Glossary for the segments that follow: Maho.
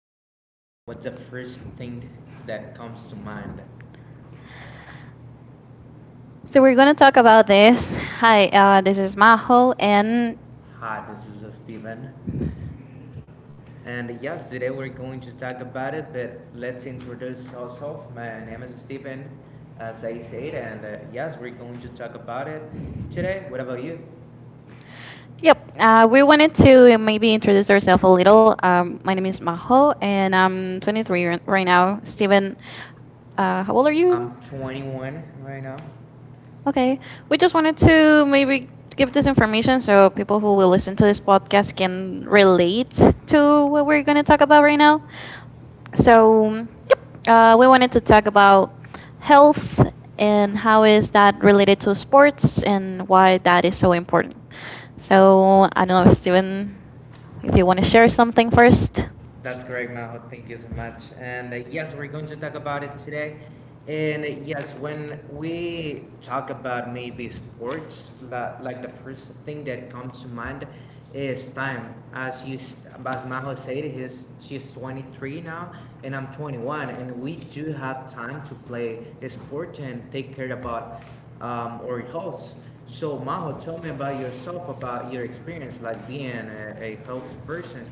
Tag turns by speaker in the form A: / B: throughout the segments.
A: word host, what's the first thing that comes to mind?
B: So we're going to talk about this. Hi, this is Maho, and
A: Hi, this is Steven. And yes, today we're going to talk about it, but let's introduce ourselves. My name is Steven, as I said, and yes, we're going to talk about it today. What about you?
B: yep, we wanted to maybe introduce ourselves a little. My name is Maho, and I'm 23 right now. Steven, how old are you?
A: I'm 21 right now.
B: Okay, we just wanted to maybe give this information so people who will listen to this podcast can relate to what we're going to talk about right now. So, yep, we wanted to talk about health and how is that related to sports and why that is so important. So, I don't know, Steven, if you want to share something first.
A: That's correct, Maho. Thank you so much. And yes, we're going to talk about it today. And yes, when we talk about maybe sports, like the first thing that comes to mind is time. As you, as Maho said, she's 23 now, and I'm 21, and we do have time to play a sport and take care about our health. So Maho, tell me about yourself, about your experience, like being a health person.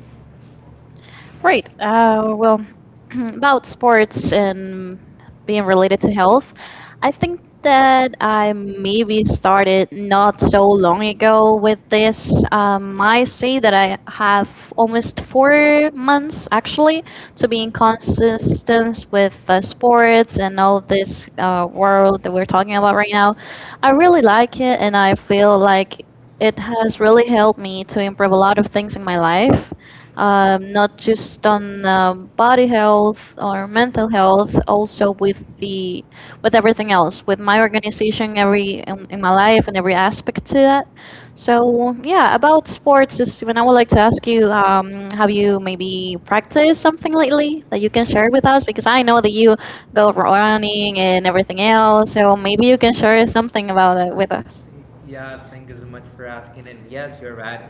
B: Right. Well, about sports and being related to health, I think that I maybe started not so long ago with this. I say that I have almost 4 months actually to be in consistence with sports and all this world that we're talking about right now. I really like it, and I feel like it has really helped me to improve a lot of things in my life, not just on body health or mental health, also with the with everything else, with my organization, every in my life and every aspect to that. So yeah, about sports, is when I would like to ask you, have you maybe practiced something lately that you can share with us? Because I know that you go running and everything else, so maybe you can share something about it with us.
A: Yeah, thank you so much for asking. And yes, you're right.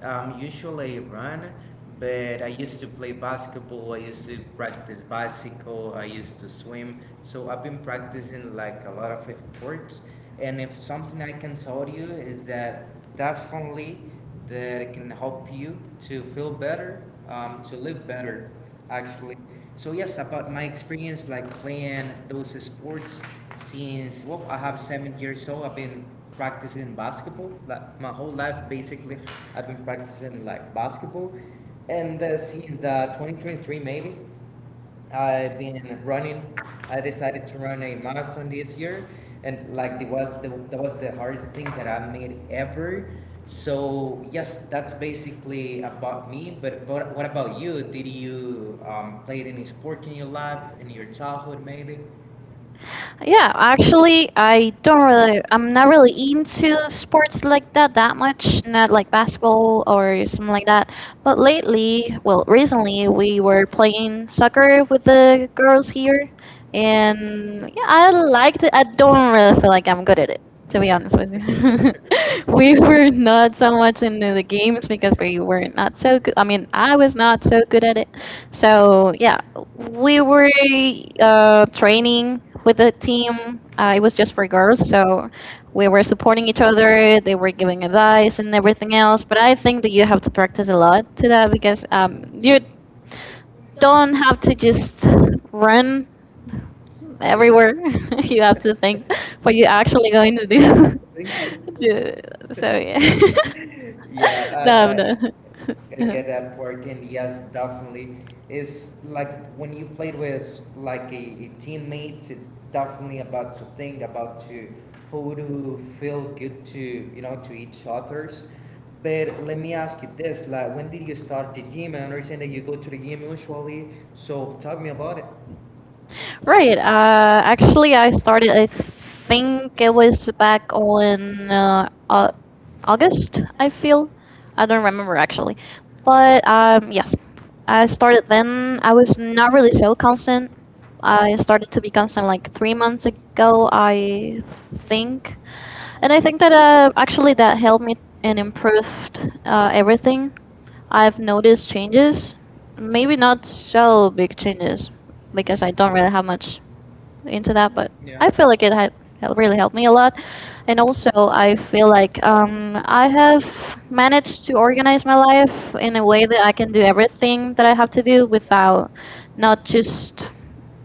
A: Usually I run, but I used to play basketball. I used to practice bicycle. I used to swim. So I've been practicing like a lot of sports. And if something I can tell you is that definitely that it can help you to feel better, to live better actually. So yes, about my experience like playing those sports since well, I have 7 years old. I've been practicing basketball like my whole life basically. I've been practicing like basketball, and since the 2023 maybe I've been running. I decided to run a marathon this year, and like it was the that was the hardest thing that I made ever. So yes, that's basically about me. But what about you? Did you play any sport in your life in your childhood maybe?
B: Yeah, actually, I'm not really into sports like that much, not like basketball or something like that. But lately, well, recently, we were playing soccer with the girls here. And yeah, I liked it. I don't really feel like I'm good at it, to be honest with you. We were not so much into the games because we were not so good. I mean, I was not so good at it. So yeah, we were training with the team. It was just for girls, so we were supporting each other. They were giving advice and everything else. But I think that you have to practice a lot to that because you don't have to just run everywhere, you have to think what you're actually going to
A: went.
B: do.
A: Thank you.
B: Do- so yeah.
A: Yeah,
B: No, no.
A: I gotta get that part in. Yes, definitely. It's like when you played with like a teammates. It's definitely about to think about to how to feel good to you know to each others. But let me ask you this: like, when did you start the gym? I understand that you go to the gym usually. So talk me about it.
B: Right. Actually, I started, I think it was back on August, I feel. I don't remember actually. But yes, I started then. I was not really so constant. I started to be constant like 3 months ago, I think, and I think that actually that helped me and improved everything. I've noticed changes, maybe not so big changes because I don't really have much into that, but
A: Yeah.
B: I feel like it really helped me a lot. And also, I feel like, I have managed to organize my life in a way that I can do everything that I have to do without not just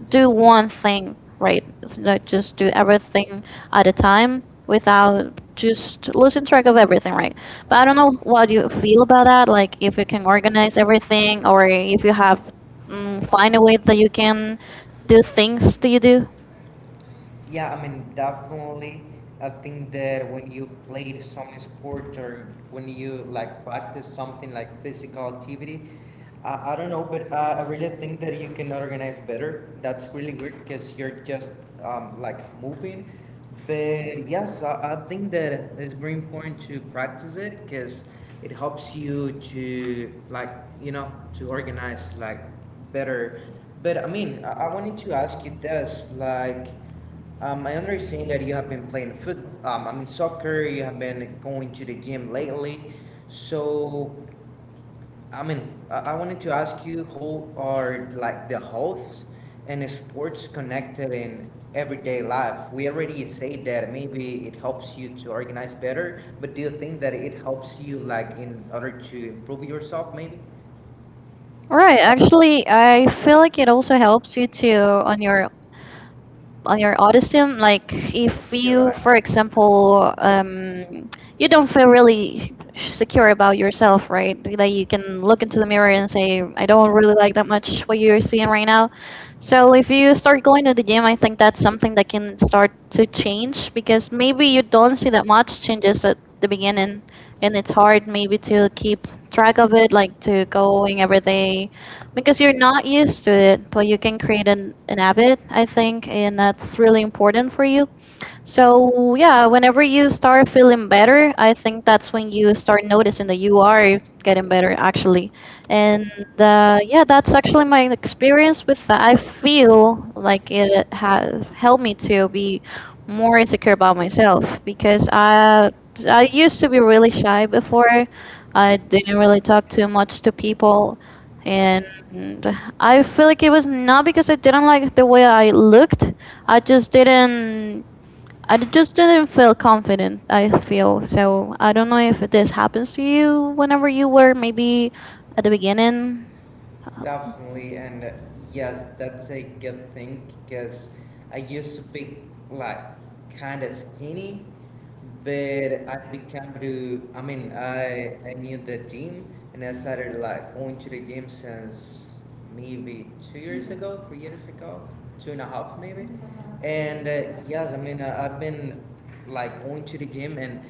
B: do one thing, right? It's not just do everything at a time without just losing track of everything, right? But I don't know what you feel about that, like if you can organize everything or if you have find a way that you can do things, do you do?
A: Yeah, I mean, definitely. I think that when you play some sport or when you like practice something like physical activity, I don't know, but I really think that you can organize better. That's really weird because you're just like moving. But yes, I think that it's very important to practice it because it helps you to like, you know, to organize like better. But I mean, I wanted to ask you this like, I understand that you have been playing I mean soccer. You have been going to the gym lately, so I mean I wanted to ask you how are like the health and sports connected in everyday life? We already said that maybe it helps you to organize better, but do you think that it helps you like in order to improve yourself, maybe?
B: Right? Actually, I feel like it also helps you to, on your autism, like if
A: You're
B: you,
A: right.
B: for example, you don't feel really secure about yourself, right, that you can look into the mirror and say, I don't really like that much what you're seeing right now, so if you start going to the gym, I think that's something that can start to change, because maybe you don't see that much changes at the beginning and it's hard maybe to keep track of it, like to going every day because you're not used to it, but you can create an habit, I think, and that's really important for you. So, yeah, whenever you start feeling better, I think that's when you start noticing that you are getting better actually. And yeah, that's actually my experience with that. I feel like it has helped me to be more insecure about myself because I used to be really shy before. I didn't really talk too much to people and I feel like it was not because I didn't like the way I looked. I just didn't. Just didn't feel confident. I feel so. I don't know if this happens to you whenever you were maybe at the beginning. Uh,
A: Definitely, and yes, that's a good thing because I used to be like kind of skinny, but I became to I mean I knew the gym and I started like going to the gym since maybe 2 years ago, 3 years ago, two and a half maybe. And yes, I mean I've been like going to the gym and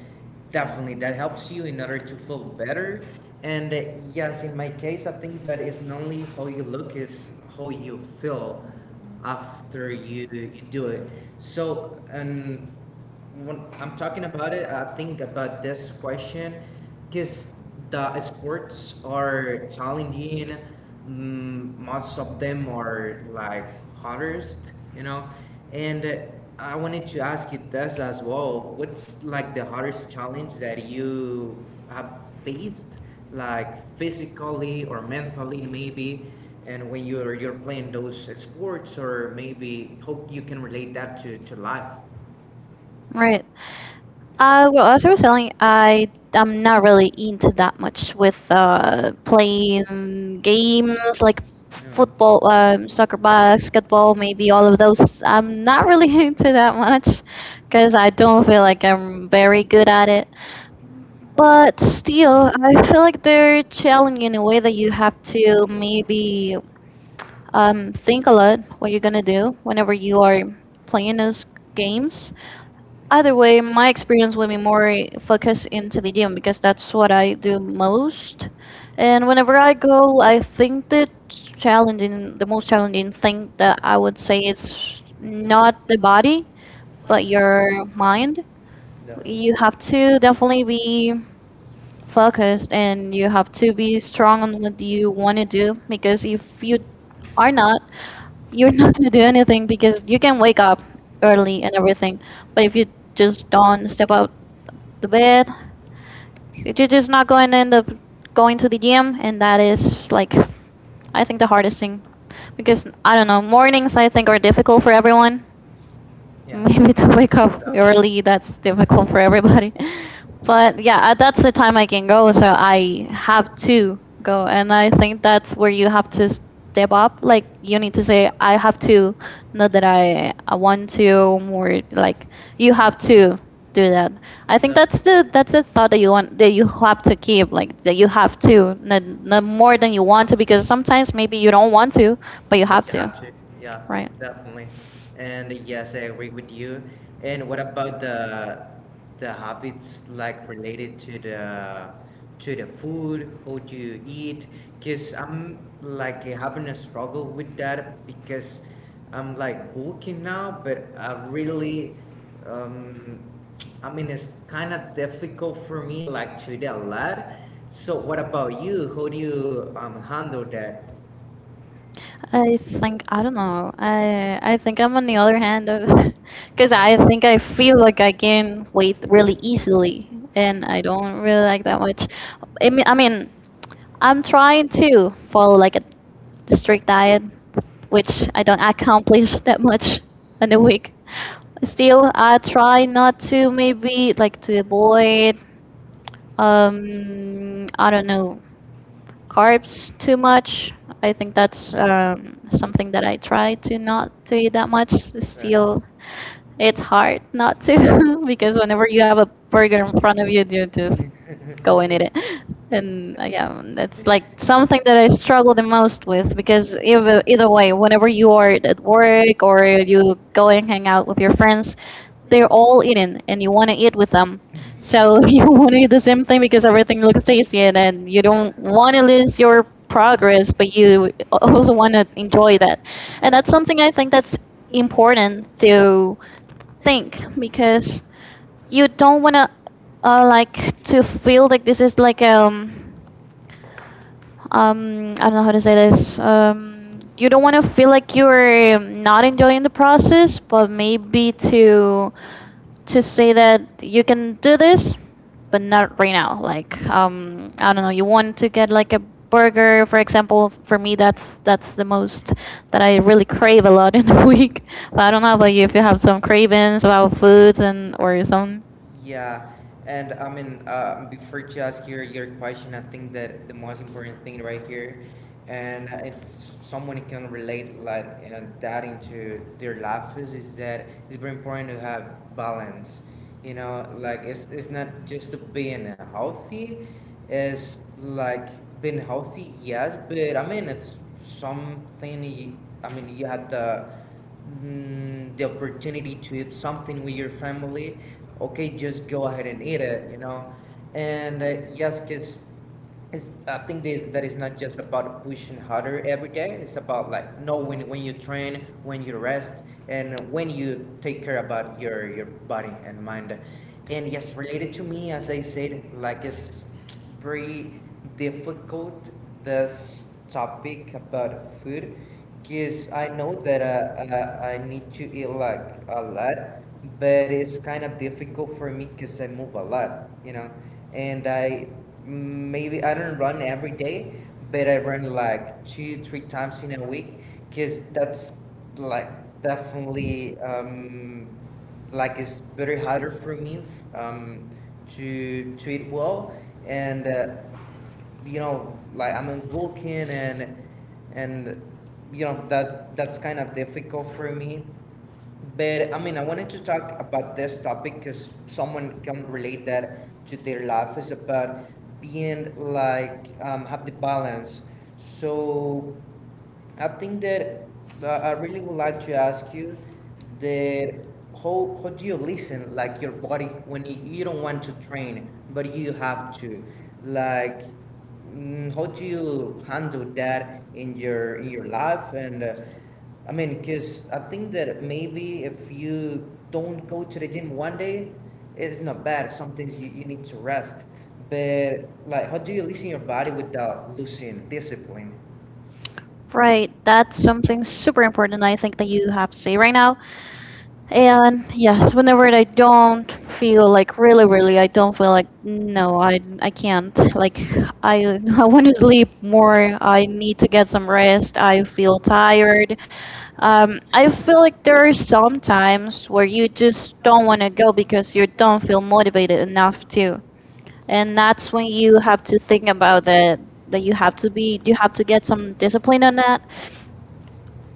A: definitely that helps you in order to feel better. And yes, in my case, I think that it's not only how you look is how you feel after you do it. So and when I'm talking about it, I think about this question because the sports are challenging. Mm, most of them are like hardest, you know. And I wanted to ask you this as well. What's like the hardest challenge that you have faced, like physically or mentally, maybe? And when you're playing those sports, or maybe hope you can relate that to life.
B: Right. Well, as I was telling, I'm not really into that much with playing games like football, soccer, basketball, maybe all of those. I'm not really into that much because I don't feel like I'm very good at it. But still, I feel like they're challenging in a way that you have to maybe think a lot what you're gonna do whenever you are playing those games. Either way, my experience will be more focused into the gym because that's what I do most. And whenever I go, I think the most challenging thing that I would say is not the body, but your mind.
A: No.
B: You have to definitely be focused and you have to be strong on what you want to do because if you are not, you're not going to do anything because you can wake up early and everything. But if you just don't step out the bed, you're just not going to end up going to the gym, and that is like, I think the hardest thing because, I don't know, mornings I think are difficult for everyone,
A: Yeah.
B: maybe to wake up early that's difficult for everybody. But yeah, that's the time I can go, so I have to go and I think that's where you have to step up, like you need to say, I have to, not that I want to, or like you have to do that, I think that's the thought that you want that you have to keep, like that you have to, not more than you want to, because sometimes maybe you don't want to but you
A: But
B: have
A: you
B: to,
A: have to, yeah,
B: right?
A: definitely. And yes, I agree with you. And what about the habits like related to the food? How do you eat? Because I'm like having a struggle with that because I'm like bulking now, but I really um I mean it's kind of difficult for me like to eat a lot. So what about you? How do you handle that?
B: I think, I don't know. I think I'm on the other hand of because I think I feel like I gain weight really easily, and I don't really like that much. I mean, I'm trying to follow like a strict diet, which I don't accomplish that much in a week. Still, I try not to maybe like to avoid. I don't know, carbs too much. I think that's, something that I try to not to eat that much. Still, it's hard not to because whenever you have a burger in front of you, you just go and eat it. And yeah, that's like something that I struggle the most with because either way, whenever you are at work or you go and hang out with your friends, they're all eating and you want to eat with them. So you want to eat the same thing because everything looks tasty and then you don't want to lose your progress, but you also want to enjoy that. And that's something I think that's important to think because you don't wanna, like to feel like this is like, I don't know how to say this, you don't want to feel like you're not enjoying the process, but maybe to say that you can do this but not right now, like, I don't know, you want to get like a burger, for example, for me that's the most that I really crave a lot in the week, but I don't know about you if you have some cravings about foods and or some,
A: Yeah, and I mean, before to ask your question, I think that the most important thing right here, and it's someone can relate like that into their life is that it's very important to have balance. You know, like it's not just to being healthy, it's like being healthy, yes, but I mean, if something, you, I mean, you have the the opportunity to eat something with your family, okay, just go ahead and eat it, you know. And yes, because I think this that is not just about pushing harder every day. It's about like knowing when you train, when you rest, and when you take care about your body and mind. And yes, related to me, as I said, like it's very difficult this topic about food because I know that I need to eat like a lot, but it's kind of difficult for me because I move a lot, you know, and I maybe I don't run every day, but I run like two, three times in a week because that's like definitely like it's very harder for me um, to eat well and you know like I'm a vulcan and and you know that's kind of difficult for me but I mean I wanted to talk about this topic because someone can relate that to their life is about being like have the balance. So I think that I really would like to ask you that how, do you listen like your body when you don't want to train but you have to like, mm, how do you handle that in your life and I mean because I think that maybe if you don't go to the gym one day it's not bad sometimes you, you need to rest but like how do you listen your body without losing discipline?
B: right? That's something super important I think that you have to say right now. And yes, whenever I don't feel like really, really, I don't feel like, no, I can't. Like I I want to sleep more. I need to get some rest. I feel tired. I feel like there are some times where you just don't want to go because you don't feel motivated enough to. And that's when you have to think about that you have to be, you have to get some discipline on that,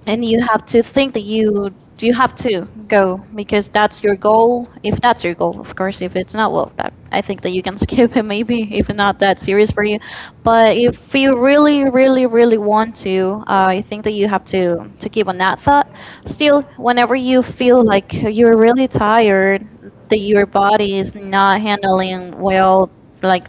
B: and you have to think that you have to go because that's your goal. If that's your goal, of course. If it's not, well, that I think that you can skip it, maybe, if not that serious for you. But if you really, really, really want to, I think that you have to keep on that thought still. Whenever you feel like you're really tired, that your body is not handling well, like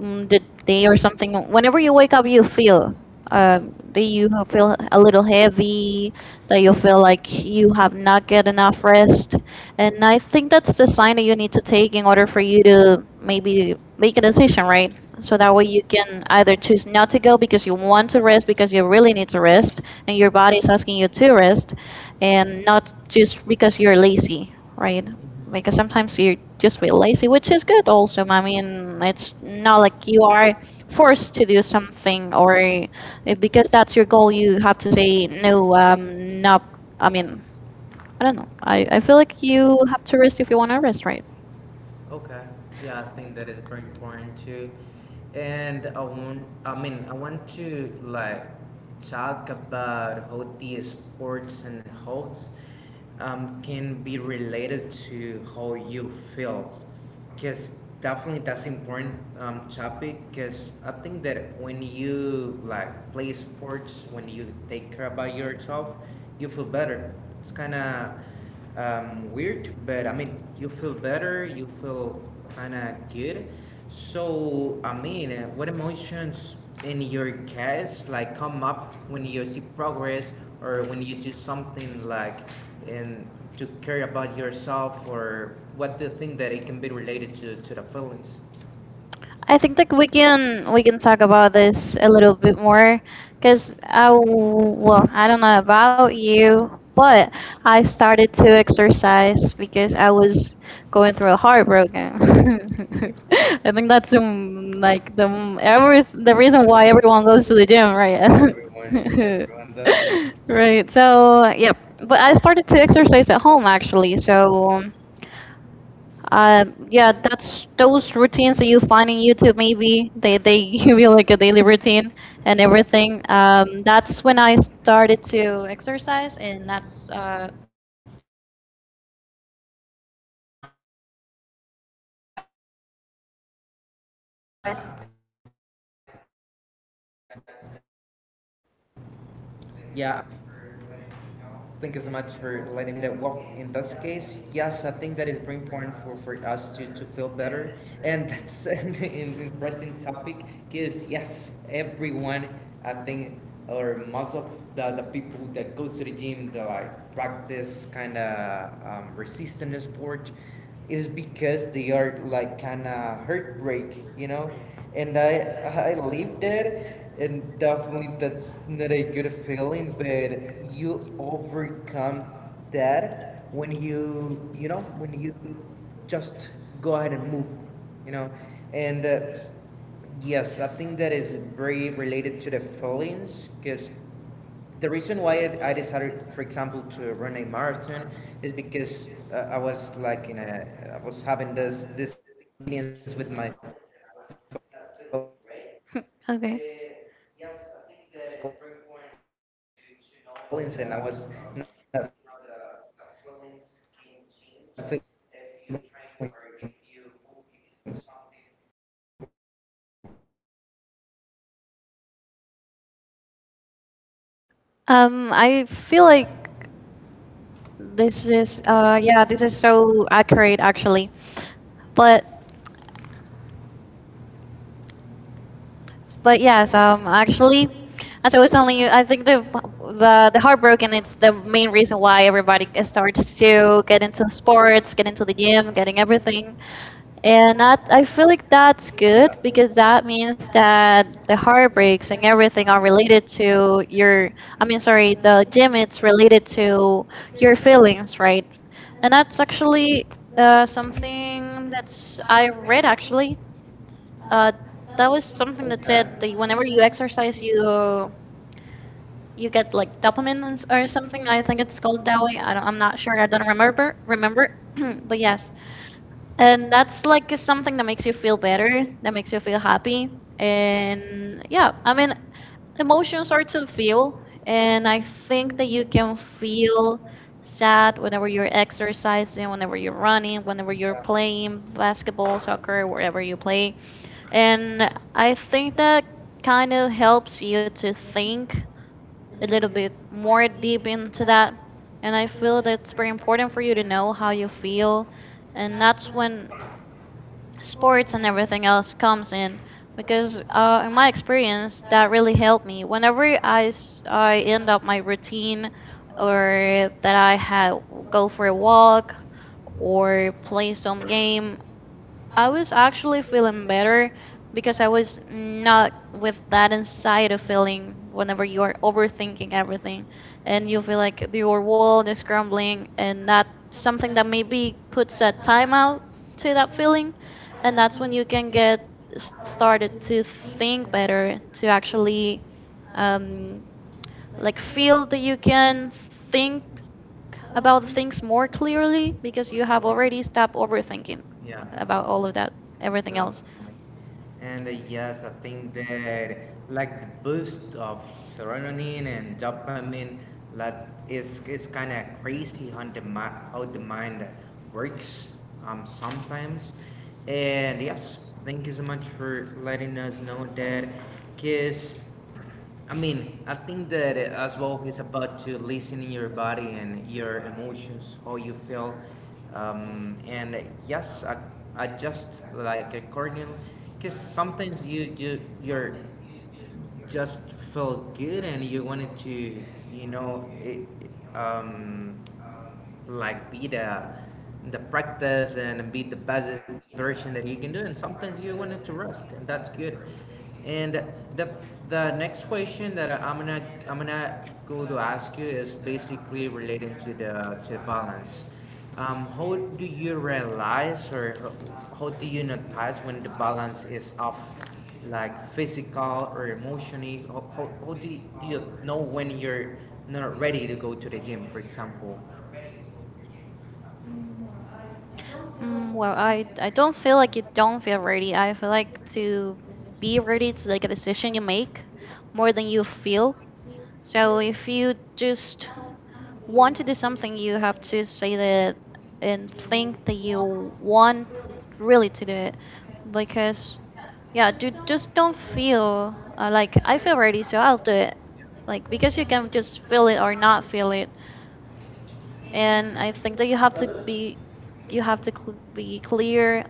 B: the day or something, whenever you wake up, you feel that you feel a little heavy, that you feel like you have not get enough rest, and I think that's the sign that you need to take in order for you to maybe make a decision, right? So that way you can either choose not to go because you want to rest, because you really need to rest and your body is asking you to rest, and not just because you're lazy. Right? Because sometimes you just feel lazy, which is good also. I mean, it's not like you are forced to do something, or if, because that's your goal, you have to say no, not, I mean, I don't know. I feel like you have to rest if you want to rest, right?
A: Okay. Yeah, I think that is very important too. And I want, I mean, I want to like talk about how the sports and health can be related to how you feel. Because definitely that's important topic. Because I think that when you like play sports, when you take care about yourself, you feel better. It's kind of weird, but I mean, you feel better. You feel kind of good. So I mean, what emotions in your case like come up when you see progress or when you do something like and to care about yourself or what the thing that it can be related to the feelings?
B: I think that we can talk about this a little bit more because well, I don't know about you, but I started to exercise because I was going through a heartbroken. I think that's like the reason why everyone goes to the gym, right?
A: Everyone, definitely.
B: Right. So, yep. But I started to exercise at home, actually. So yeah, that's those routines that you find in YouTube. Maybe they give you like a daily routine and everything. That's when I started to exercise, and that's how I started to.
A: Yeah I mean gotcha and thank you so much for letting me know. And well, in this case, yes, I think that is very important for, us to, feel better. And that's an interesting topic because, yes, everyone, I think, or most of the people that goes to the gym, they like practice kind of resistance sport it is because they are like kind of heartbreak, you know. And I lived that, and definitely that's not a good feeling. But you overcome that when you know when you just go ahead and move, you know. And yes, I think that is very related to the feelings because the reason why I decided, for example, to run a marathon is because I was like in a, I was having this inconvenience with my feelings, and I was not feeling great. But
B: Okay.
A: yes, I think that it's very important to know how the you know the feelings can change if you train or if you move if you do something. And yes, I think that that's very important. What do you think?
B: I feel like this is yeah, this is so accurate, actually. But But yes, actually, as I was telling you, I think the the heartbroken, it's the main reason why everybody starts to get into sports, get into the gym, getting everything. And that, I feel like that's good, because that means that the heartbreaks and everything are related to your, I mean, sorry, the gym, it's related to your feelings, right? And that's actually something that's I read, actually, uh, that was something that said that whenever you exercise, you get like dopamine and or something. I think it's called that way. I don't, I'm not sure. I don't remember. But yes, and that's like, is something that makes you feel better, that makes you feel happy, and yeah, I mean, emotions are to feel, and I think that you can feel sad whenever you're exercising, whenever you're running, whenever you're playing basketball, soccer, wherever you play, and I think that kind of helps you to think a little bit more deep into that. And I feel that it's very important for you to know how you feel. And that's when sports and everything else comes in. Because in my experience, that really helped me. Whenever I end up my routine, or that I had go for a walk or play some game, I was actually feeling better because I was not with that anxiety feeling whenever you are overthinking everything and you feel like your world is crumbling, and that, something that maybe puts a timeout to that feeling, and that's when you can get started to think better, to actually um, like feel that you can think about things more clearly because you have already stopped overthinking
A: Yeah.
B: about all of that, everything else.
A: Definitely. And yes, I think that like the boost of serotonin and dopamine like it's kind of crazy how the how the mind works sometimes. And yes, thank you so much for letting us know that. Cause I mean, I think that as well is about to listen in your body and your emotions, how you feel. And yes, I adjust like accordingly, because sometimes you your just felt good and you wanted to you know it, um, like be the practice and be the best version that you can do, and sometimes you wanted to rest and that's good. And the the next question that I'm gonna go to ask you is basically relating to the balance, how do you realize or how do you notice when the balance is off, like physical or emotionally? How do you know when you're not ready to go to the gym, for example?
B: Well, I don't feel like, you don't feel ready, I feel like to be ready to, like, a decision you make more than you feel. So if you just want to do something, you have to say that and think that you want really to do it. Because yeah, do, just don't feel like, I feel ready, so I'll do it, like, because you can just feel it or not feel it. And I think that you have to be, you have to be clear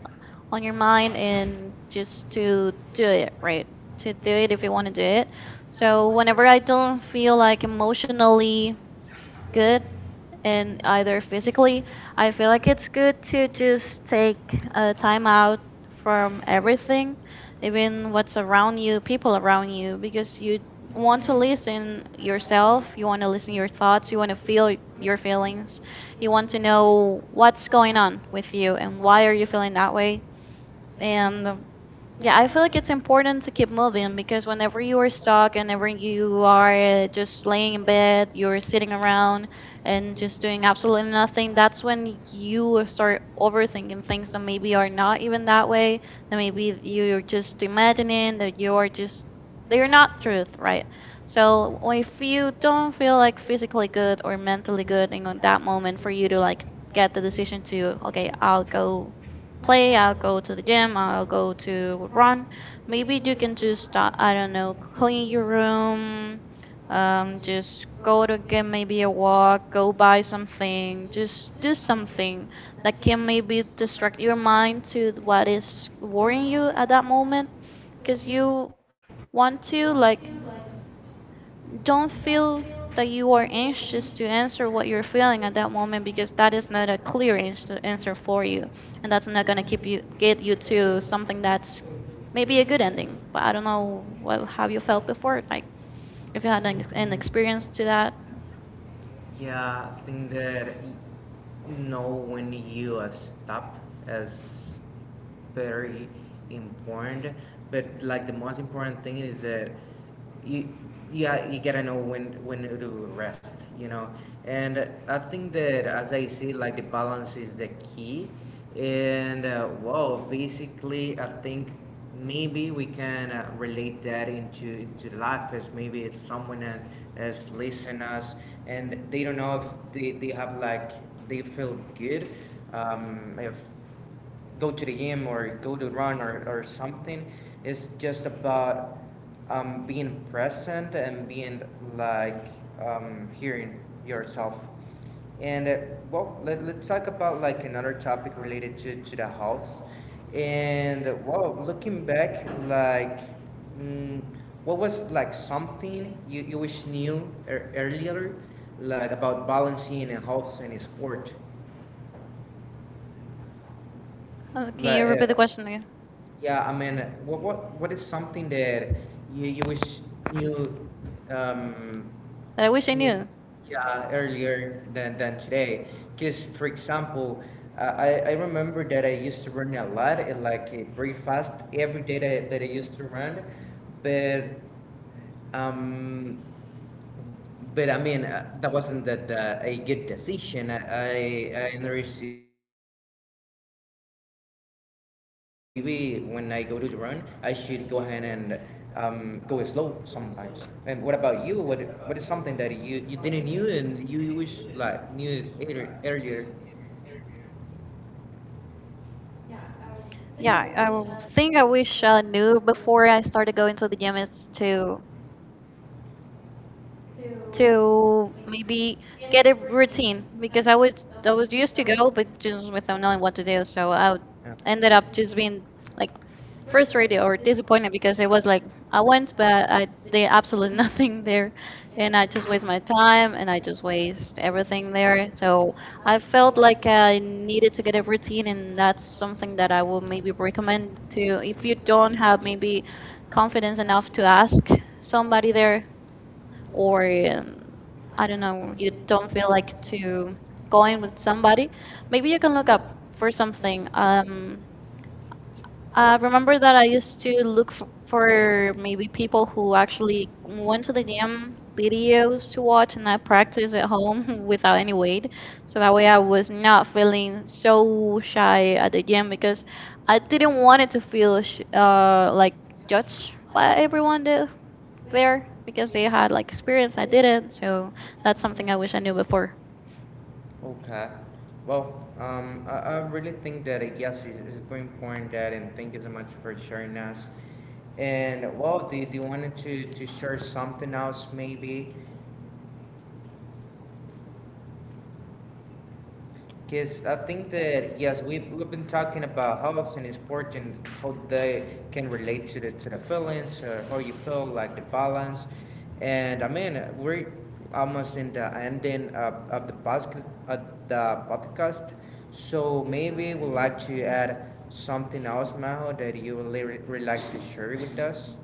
B: on your mind and just to do it, right? To do it if you want to do it. So whenever I don't feel like emotionally good in either physically, I feel like it's good to just take a time out from everything, even what's around you, people around you, because you want to listen yourself, you want to listen your thoughts, you want to feel your feelings, you want to know what's going on with you and why are you feeling that way. And yeah, I feel like it's important to keep moving, because whenever you are stuck, whenever you are just laying in bed, you're sitting around and just doing absolutely nothing, that's when you start overthinking things that maybe are not even that way, that maybe you're just imagining, that you are just, they're not truth, right? So if you don't feel like physically good or mentally good in that moment for you to like get the decision to, okay, I'll go play, I'll go to the gym, I'll go to run, maybe you can just, I don't know, clean your room, just go to get maybe a walk, go buy something, just do something that can maybe distract your mind to what is worrying you at that moment, because you want to like don't feel that you are anxious to answer what you're feeling at that moment, because that is not a clear answer for you, and that's not going to keep you get you to something that's maybe a good ending. But I don't know what have you felt before, like if you had an experience to that.
A: Yeah, I think that know when you stop as very important, but like the most important thing is that you, yeah, you gotta know when to rest, you know. And I think that as I see, like the balance is the key. And well, basically I think maybe we can relate that into life, as maybe if someone is listening us and they don't know if they have like they feel good, if go to the gym or go to run, or something. It's just about being present and being like hearing yourself. And well, let's talk about like another topic related to the house. And well, looking back, like, mm, what was like something you wish knew earlier, like about balancing a health and sport?
B: Can
A: Like,
B: you repeat the question again
A: yeah, I mean, what what is something that you wish you um
B: that I wish I knew?
A: yeah earlier than today? Because for example, I remember that I used to run a lot, like very fast every day that I used to run, but um but I mean, that wasn't that a good decision. I understood that maybe when I go to run, I should go ahead and go slow sometimes. And what about you? What is something that you didn't knew and you wish like knew it earlier?
B: Yeah, I think I wish I knew before I started going to the gym, is to maybe get a routine, because I was used to go but just without knowing what to do. So I
A: Yeah.
B: ended up just being like frustrated or disappointed, because it was like I went but I did absolutely nothing there, and I just waste my time and I just waste everything there. So I felt like I needed to get a routine, and that's something that I will maybe recommend to, if you don't have maybe confidence enough to ask somebody there, or um, I don't know, you don't feel like to go in with somebody, maybe you can look up for something. I remember that I used to look f for maybe people who actually went to the gym videos to watch, and I practice at home without any weight. So that way I was not feeling so shy at the gym, because I didn't want it to feel sh like judged by everyone that there, because they had like experience I didn't. So that's something I wish I knew before.
A: Okay. Well, I really think that yes, it's very important that, and thank you so much for sharing us. And well, do you want to share something else maybe? Because I think that, yes, we've been talking about health and sport and how they can relate to to the feelings, or how you feel, like the balance. And I mean, we're almost in the ending of the basket, of the podcast. So maybe we'd like to add something else, Maho, that you would really like to share with us.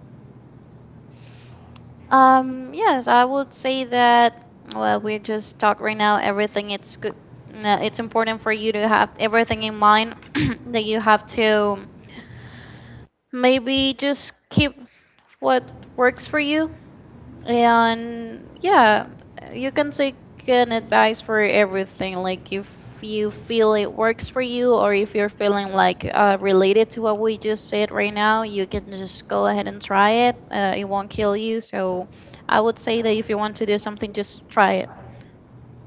B: Yes, I would say that. Well, we just talked right now. Everything it's good. No, it's important for you to have everything in mind that you have to maybe just keep what works for you. And yeah, you can take an advice for everything. Like if you feel it works for you, or if you're feeling like related to what we just said right now, you can just go ahead and try it. It won't kill you. So I would say that if you want to do something, just try it.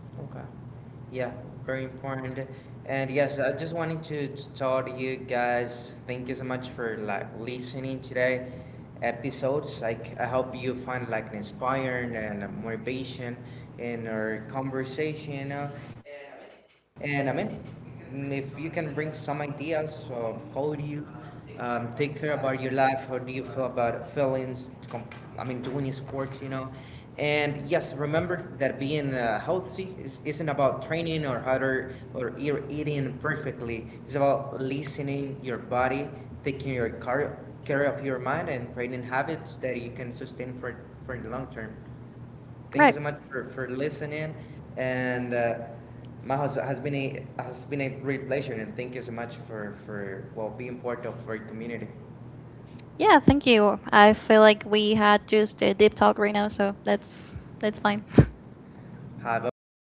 A: Okay. Yeah, very important. And yes, I just wanted to tell you guys thank you so much for like listening today episodes. Like I hope you find like inspiring and motivation in our conversation, you know. And I mean, if you can bring some ideas of how do you take care about your life? How do you feel about feelings? To I mean, to winning sports, you know. And yes, remember that being healthy isn't about training or harder or eating perfectly. It's about listening your body, taking your care of your mind, and creating habits that you can sustain for the long term. Thank you
B: Right.
A: so much for listening. And Majo, it has been a great pleasure, and thank you so much for well being part of our community.
B: Yeah, thank you. I feel like we had just a deep talk right now, so that's fine.
A: Hi, bye.